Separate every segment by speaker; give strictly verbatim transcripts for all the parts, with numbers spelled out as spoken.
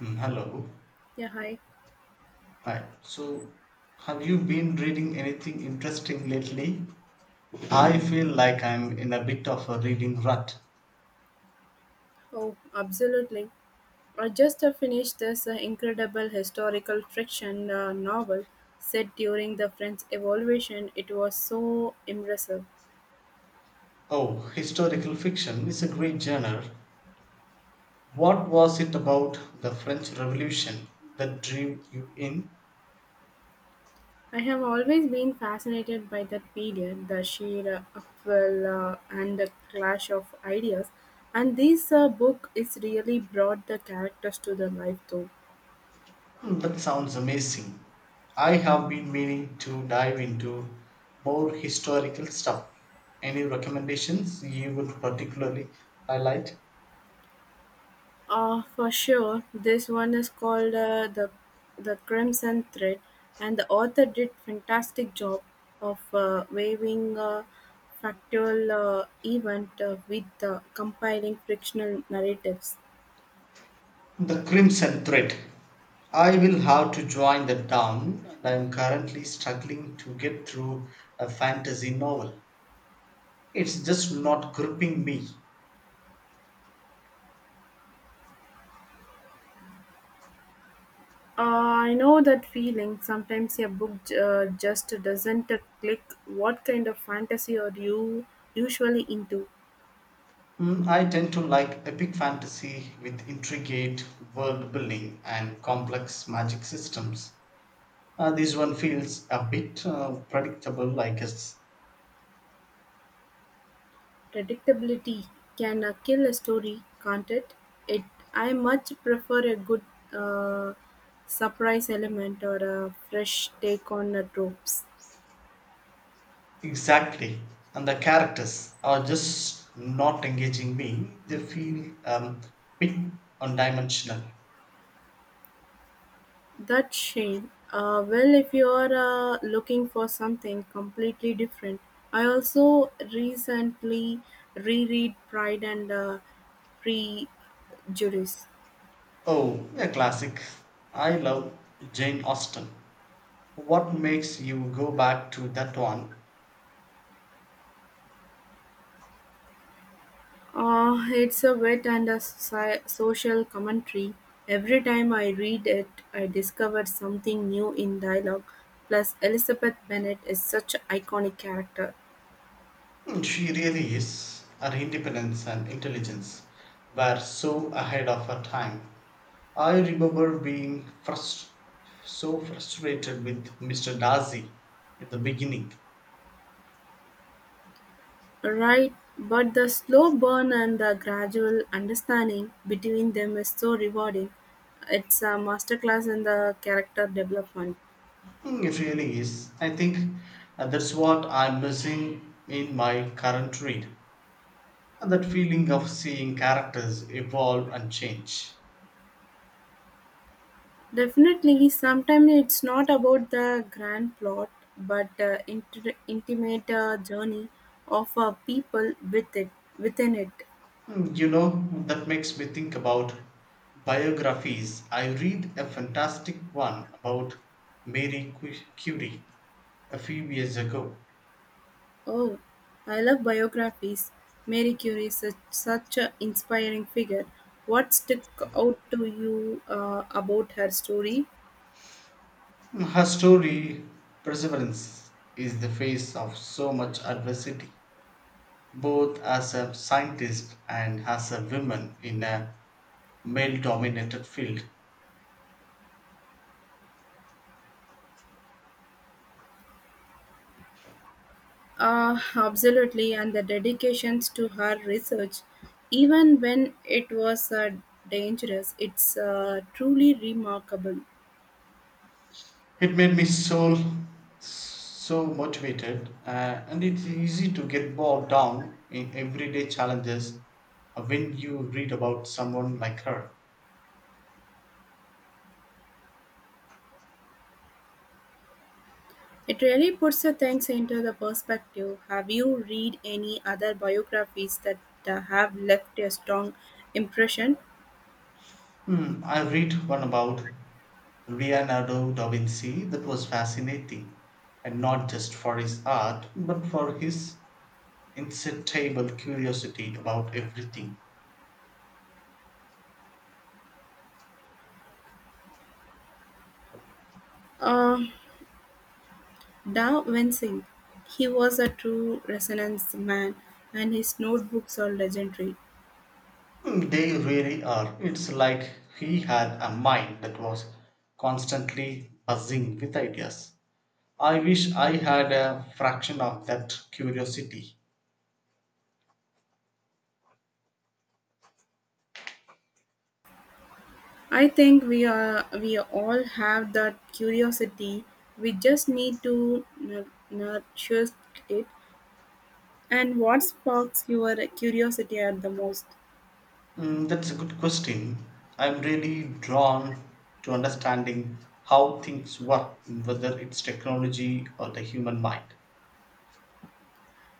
Speaker 1: Mm, Hello.
Speaker 2: Yeah, hi.
Speaker 1: Hi. So, have you been reading anything interesting lately? I feel like I'm in a bit of a reading rut.
Speaker 2: Oh, absolutely. I just uh, finished this uh, incredible historical fiction uh, novel set during the French Revolution. It was so impressive.
Speaker 1: Oh, historical fiction is a great genre. What was it about the French Revolution that drew you in?
Speaker 2: I have always been fascinated by that period, the sheer uh, upheaval uh, and the clash of ideas. And this uh, book is really brought the characters to the life, though.
Speaker 1: Hmm, That sounds amazing. I have been meaning to dive into more historical stuff. Any recommendations you would particularly highlight?
Speaker 2: Ah, for sure. This one is called uh, the the Crimson Thread, and the author did fantastic job of uh, weaving a factual uh, event uh, with uh, compiling fictional narratives.
Speaker 1: The Crimson Thread. I will have to join that down, and I am currently struggling to get through a fantasy novel. It's just not gripping me.
Speaker 2: Uh, I know that feeling. Sometimes a book uh, just doesn't click. What kind of fantasy are you usually into?
Speaker 1: Mm, I tend to like epic fantasy with intricate world building and complex magic systems. Uh, this one feels a bit uh, predictable, I guess.
Speaker 2: Predictability can uh, kill a story, can't it? It I much prefer a good uh, surprise element or a fresh take on the tropes.
Speaker 1: Exactly. And the characters are just not engaging me. They feel um, bit one dimensional.
Speaker 2: That's shame. Uh, well, if you are uh, looking for something completely different, I also recently reread Pride and uh, Prejudice.
Speaker 1: Oh, a classic. I love Jane Austen. What makes you go back to that one?
Speaker 2: Uh, it's a wit and a soci- social commentary. Every time I read it, I discover something new in dialogue. Plus, Elizabeth Bennet is such an iconic character.
Speaker 1: Hmm, She really is. Her independence and intelligence were so ahead of her time. I remember being frust- so frustrated with Mister Darcy at the beginning.
Speaker 2: Right, but the slow burn and the gradual understanding between them is so rewarding. It's a masterclass in the character development.
Speaker 1: Hmm, It really is. I think uh, that's what I'm missing in my current read. And that feeling of seeing characters evolve and change.
Speaker 2: Definitely, sometimes it's not about the grand plot, but the inter- intimate uh, journey of uh, people with it, within it.
Speaker 1: Mm, You know, that makes me think about biographies. I read a fantastic one about Mary Cu- Curie a few years ago.
Speaker 2: Oh, I love biographies. Mary Curie is such, such an inspiring figure. What stuck out to you uh, about her story?
Speaker 1: Mm, Her story, perseverance, is the face of so much adversity, both as a scientist and as a woman in a male dominated field.
Speaker 2: Uh, absolutely, and the dedications to her research, even when it was uh, dangerous, it's uh, truly remarkable.
Speaker 1: It made me so so motivated, uh, and it's easy to get bogged down in everyday challenges uh, when you read about someone like her.
Speaker 2: It really puts the things into the perspective. Have you read any other biographies that uh, have left a strong impression?
Speaker 1: Hmm, I read one about Leonardo da Vinci that was fascinating, and not just for his art, but for his insatiable curiosity about everything.
Speaker 2: Uh, da Vinci, he was a true resonance man, and his notebooks are legendary.
Speaker 1: Hmm, They really are. It's like he had a mind that was constantly buzzing with ideas. I wish I had a fraction of that curiosity.
Speaker 2: I think we are we all have that curiosity. We just need to nu- nurture it. And what sparks your curiosity at the most?
Speaker 1: Mm, that's a good question. I'm really drawn to understanding how things work, whether it's technology or the human mind.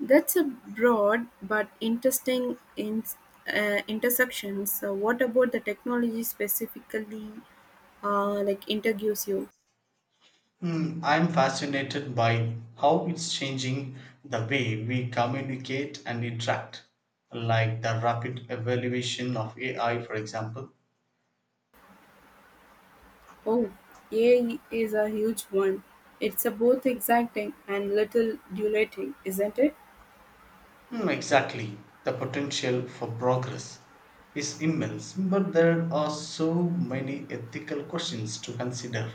Speaker 2: That's a broad but interesting in, uh, intersection. So, what about the technology specifically, uh, like interviews you?
Speaker 1: Mm, I'm fascinated by how it's changing the way we communicate and interact, like the rapid evaluation of A I, for example.
Speaker 2: Oh, A I is a huge one. It's a both exciting and little dilating, isn't it?
Speaker 1: Mm, exactly. The potential for progress is immense, but there are so many ethical questions to consider.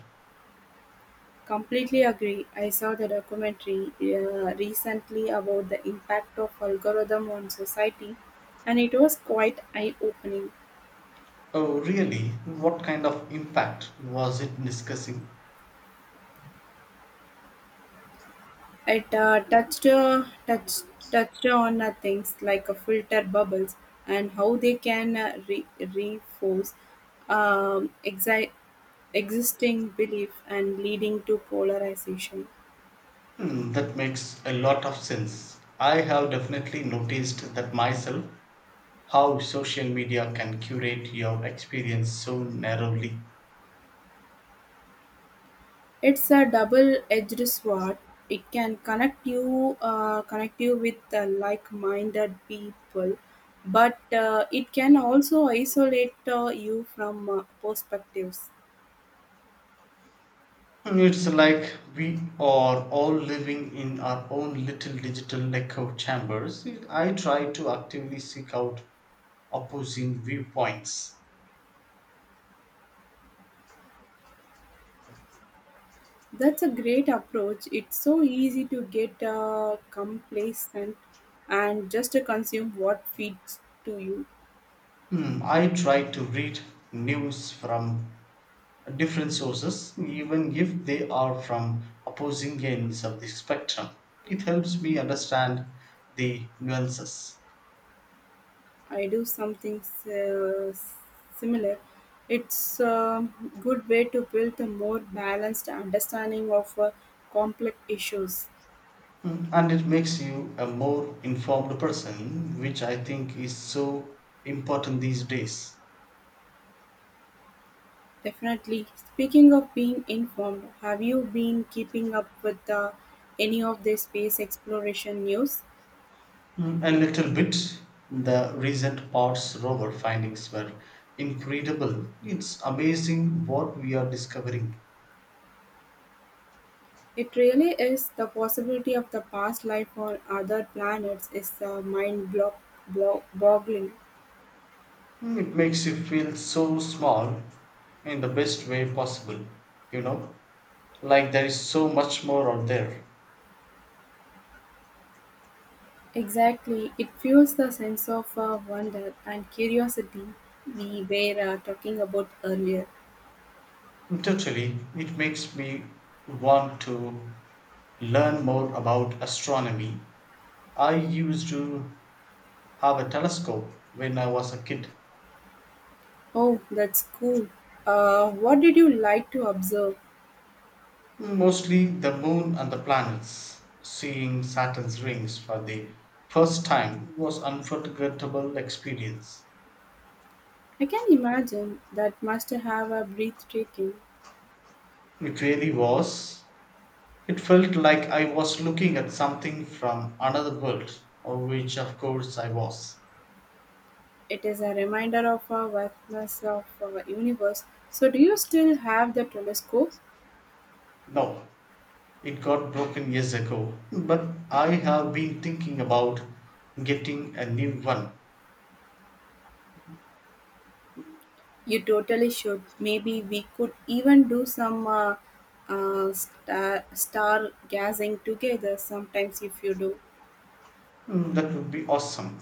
Speaker 2: Completely agree. I saw the documentary uh, recently about the impact of algorithm on society, and it was quite eye-opening.
Speaker 1: Oh, really? What kind of impact was it discussing?
Speaker 2: It uh, touched, uh, touched, touched on uh, things like uh, filter bubbles and how they can uh, re- reinforce um, exi- existing belief and leading to polarization.
Speaker 1: Hmm, that makes a lot of sense. I have definitely noticed that myself, how social media can curate your experience so narrowly.
Speaker 2: It's a double-edged sword. It can connect you, uh, connect you with uh, like-minded people, but uh, it can also isolate uh, you from uh, perspectives.
Speaker 1: It's like we are all living in our own little digital echo chambers. I try to actively seek out opposing viewpoints.
Speaker 2: That's a great approach. It's so easy to get uh, complacent and just to consume what feeds to you.
Speaker 1: Hmm, I try to read news from different sources, even if they are from opposing ends of the spectrum. It helps me understand the nuances.
Speaker 2: I do something uh, similar. It's a good way to build a more balanced understanding of uh, complex issues.
Speaker 1: Mm, and it makes you a more informed person, which I think is so important these days.
Speaker 2: Definitely. Speaking of being informed, have you been keeping up with uh, any of the space exploration news?
Speaker 1: Mm, a little bit. The recent parts rover findings were incredible. It's amazing what we are discovering.
Speaker 2: It really is the possibility of the past life on other planets is uh, mind blo- blo- boggling.
Speaker 1: Mm, it makes you feel so small, in the best way possible, you know, like there is so much more out there.
Speaker 2: Exactly, it fuels the sense of uh, wonder and curiosity we were uh, talking about earlier.
Speaker 1: Totally. It makes me want to learn more about astronomy. I used to have a telescope when I was a kid,
Speaker 2: Oh, that's cool. Uh, what did you like to observe?
Speaker 1: mostly the moon and the planets. Seeing Saturn's rings for the first time was unforgettable experience.
Speaker 2: I can imagine that must have a breathtaking.
Speaker 1: It really was. It felt like I was looking at something from another world, of which of course I was.
Speaker 2: It is a reminder of our vastness of our universe. So, do you still have the telescope?
Speaker 1: No, it got broken years ago, but I have been thinking about getting a new one.
Speaker 2: You totally should. Maybe we could even do some uh, uh, star, star gazing together sometimes if you do.
Speaker 1: Mm, That would be awesome.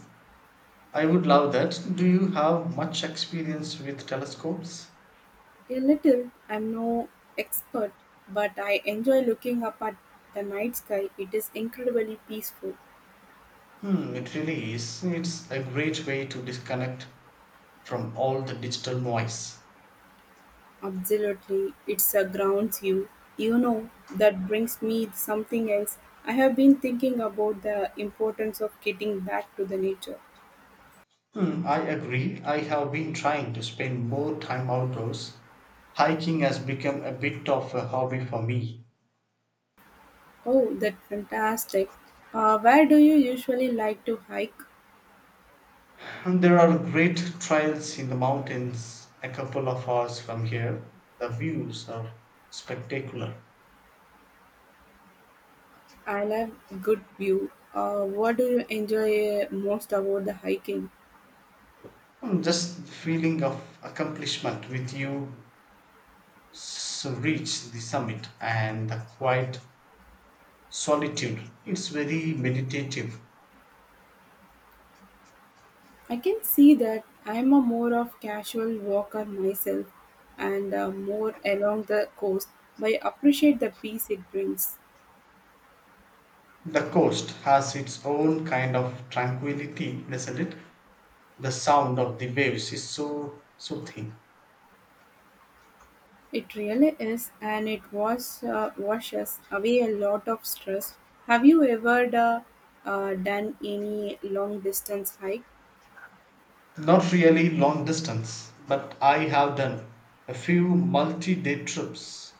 Speaker 1: I would love that. Do you have much experience with telescopes?
Speaker 2: A little. I'm no expert, but I enjoy looking up at the night sky. It is incredibly peaceful.
Speaker 1: Hmm, it really is. It's a great way to disconnect from all the digital noise.
Speaker 2: Absolutely. It surrounds you. You know, that brings me something else. I have been thinking about the importance of getting back to the nature.
Speaker 1: Hmm, I agree. I have been trying to spend more time outdoors. Hiking has become a bit of a hobby for me.
Speaker 2: Oh, that's fantastic. Uh, where do you usually like to hike?
Speaker 1: And there are great trails in the mountains a couple of hours from here. The views are spectacular.
Speaker 2: I love good view. Uh, what do you enjoy uh, most about the hiking?
Speaker 1: And just the feeling of accomplishment with you s- reach the summit, and the quiet solitude. It's very meditative.
Speaker 2: I can see that I'm a more of casual walker myself and uh, more along the coast, but I appreciate the peace it brings.
Speaker 1: The coast has its own kind of tranquility, doesn't it? The sound of the waves is so soothing.
Speaker 2: It really is, and it was uh, washes away a lot of stress. Have you ever uh, uh, done any long distance hike?
Speaker 1: Not really long distance, but I have done a few multi day trips.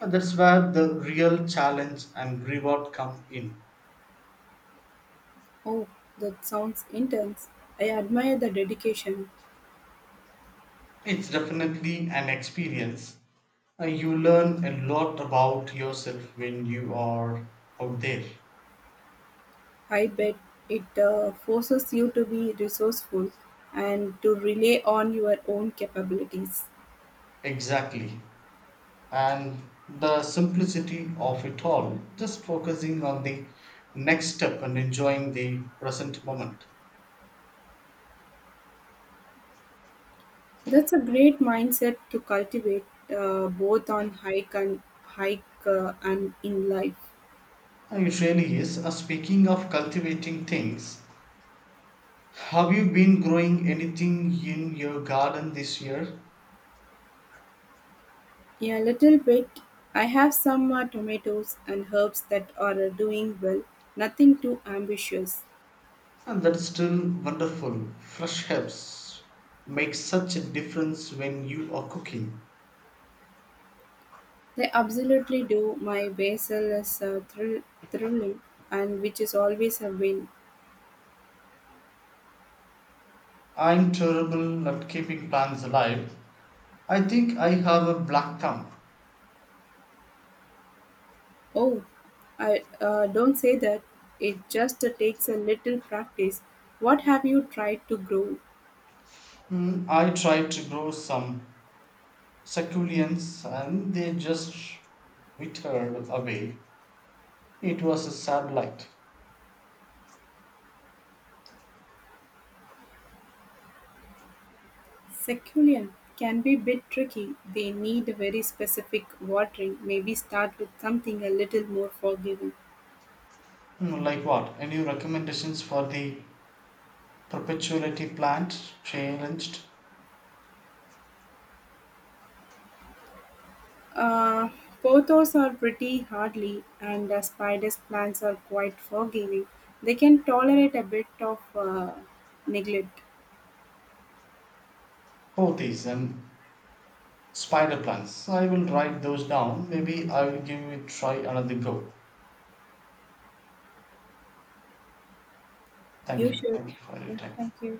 Speaker 1: And that's where the real challenge and reward come in.
Speaker 2: Oh, that sounds intense. I admire the dedication.
Speaker 1: It's definitely an experience. Uh, You learn a lot about yourself when you are out there.
Speaker 2: I bet it uh, forces you to be resourceful and to rely on your own capabilities.
Speaker 1: Exactly. And the simplicity of it all, just focusing on the next step and enjoying the present moment.
Speaker 2: That's a great mindset to cultivate uh, both on hike and hike uh, and in life.
Speaker 1: Uh, It really is. Uh, speaking of cultivating things, have you been growing anything in your garden this year?
Speaker 2: Yeah, a little bit. I have some uh, tomatoes and herbs that are uh, doing well. Nothing too ambitious.
Speaker 1: And that's still wonderful. Fresh herbs make such a difference when you are cooking.
Speaker 2: They absolutely do. My basil is uh, thrill- thrilling, and which is always a win.
Speaker 1: I'm terrible at keeping plants alive. I think I have a black thumb.
Speaker 2: Oh, I uh, don't say that. It just uh, takes a little practice. What have you tried to grow?
Speaker 1: Hmm, I tried to grow some succulents and they just withered away. It was a sad light.
Speaker 2: Succulent can be a bit tricky. They need a very specific watering. Maybe start with something a little more forgiving.
Speaker 1: Hmm, Like what? Any recommendations for the perpetuity plant challenged?
Speaker 2: Uh, pothos are pretty hardly, and uh, spiders' plants are quite forgiving. They can tolerate a bit of uh, neglect.
Speaker 1: Pothys and spider plants. So I will write those down. Maybe I'll give it try another go. Thank
Speaker 2: You
Speaker 1: you.
Speaker 2: should.
Speaker 1: Thank you for your
Speaker 2: Yeah,
Speaker 1: time.
Speaker 2: thank you.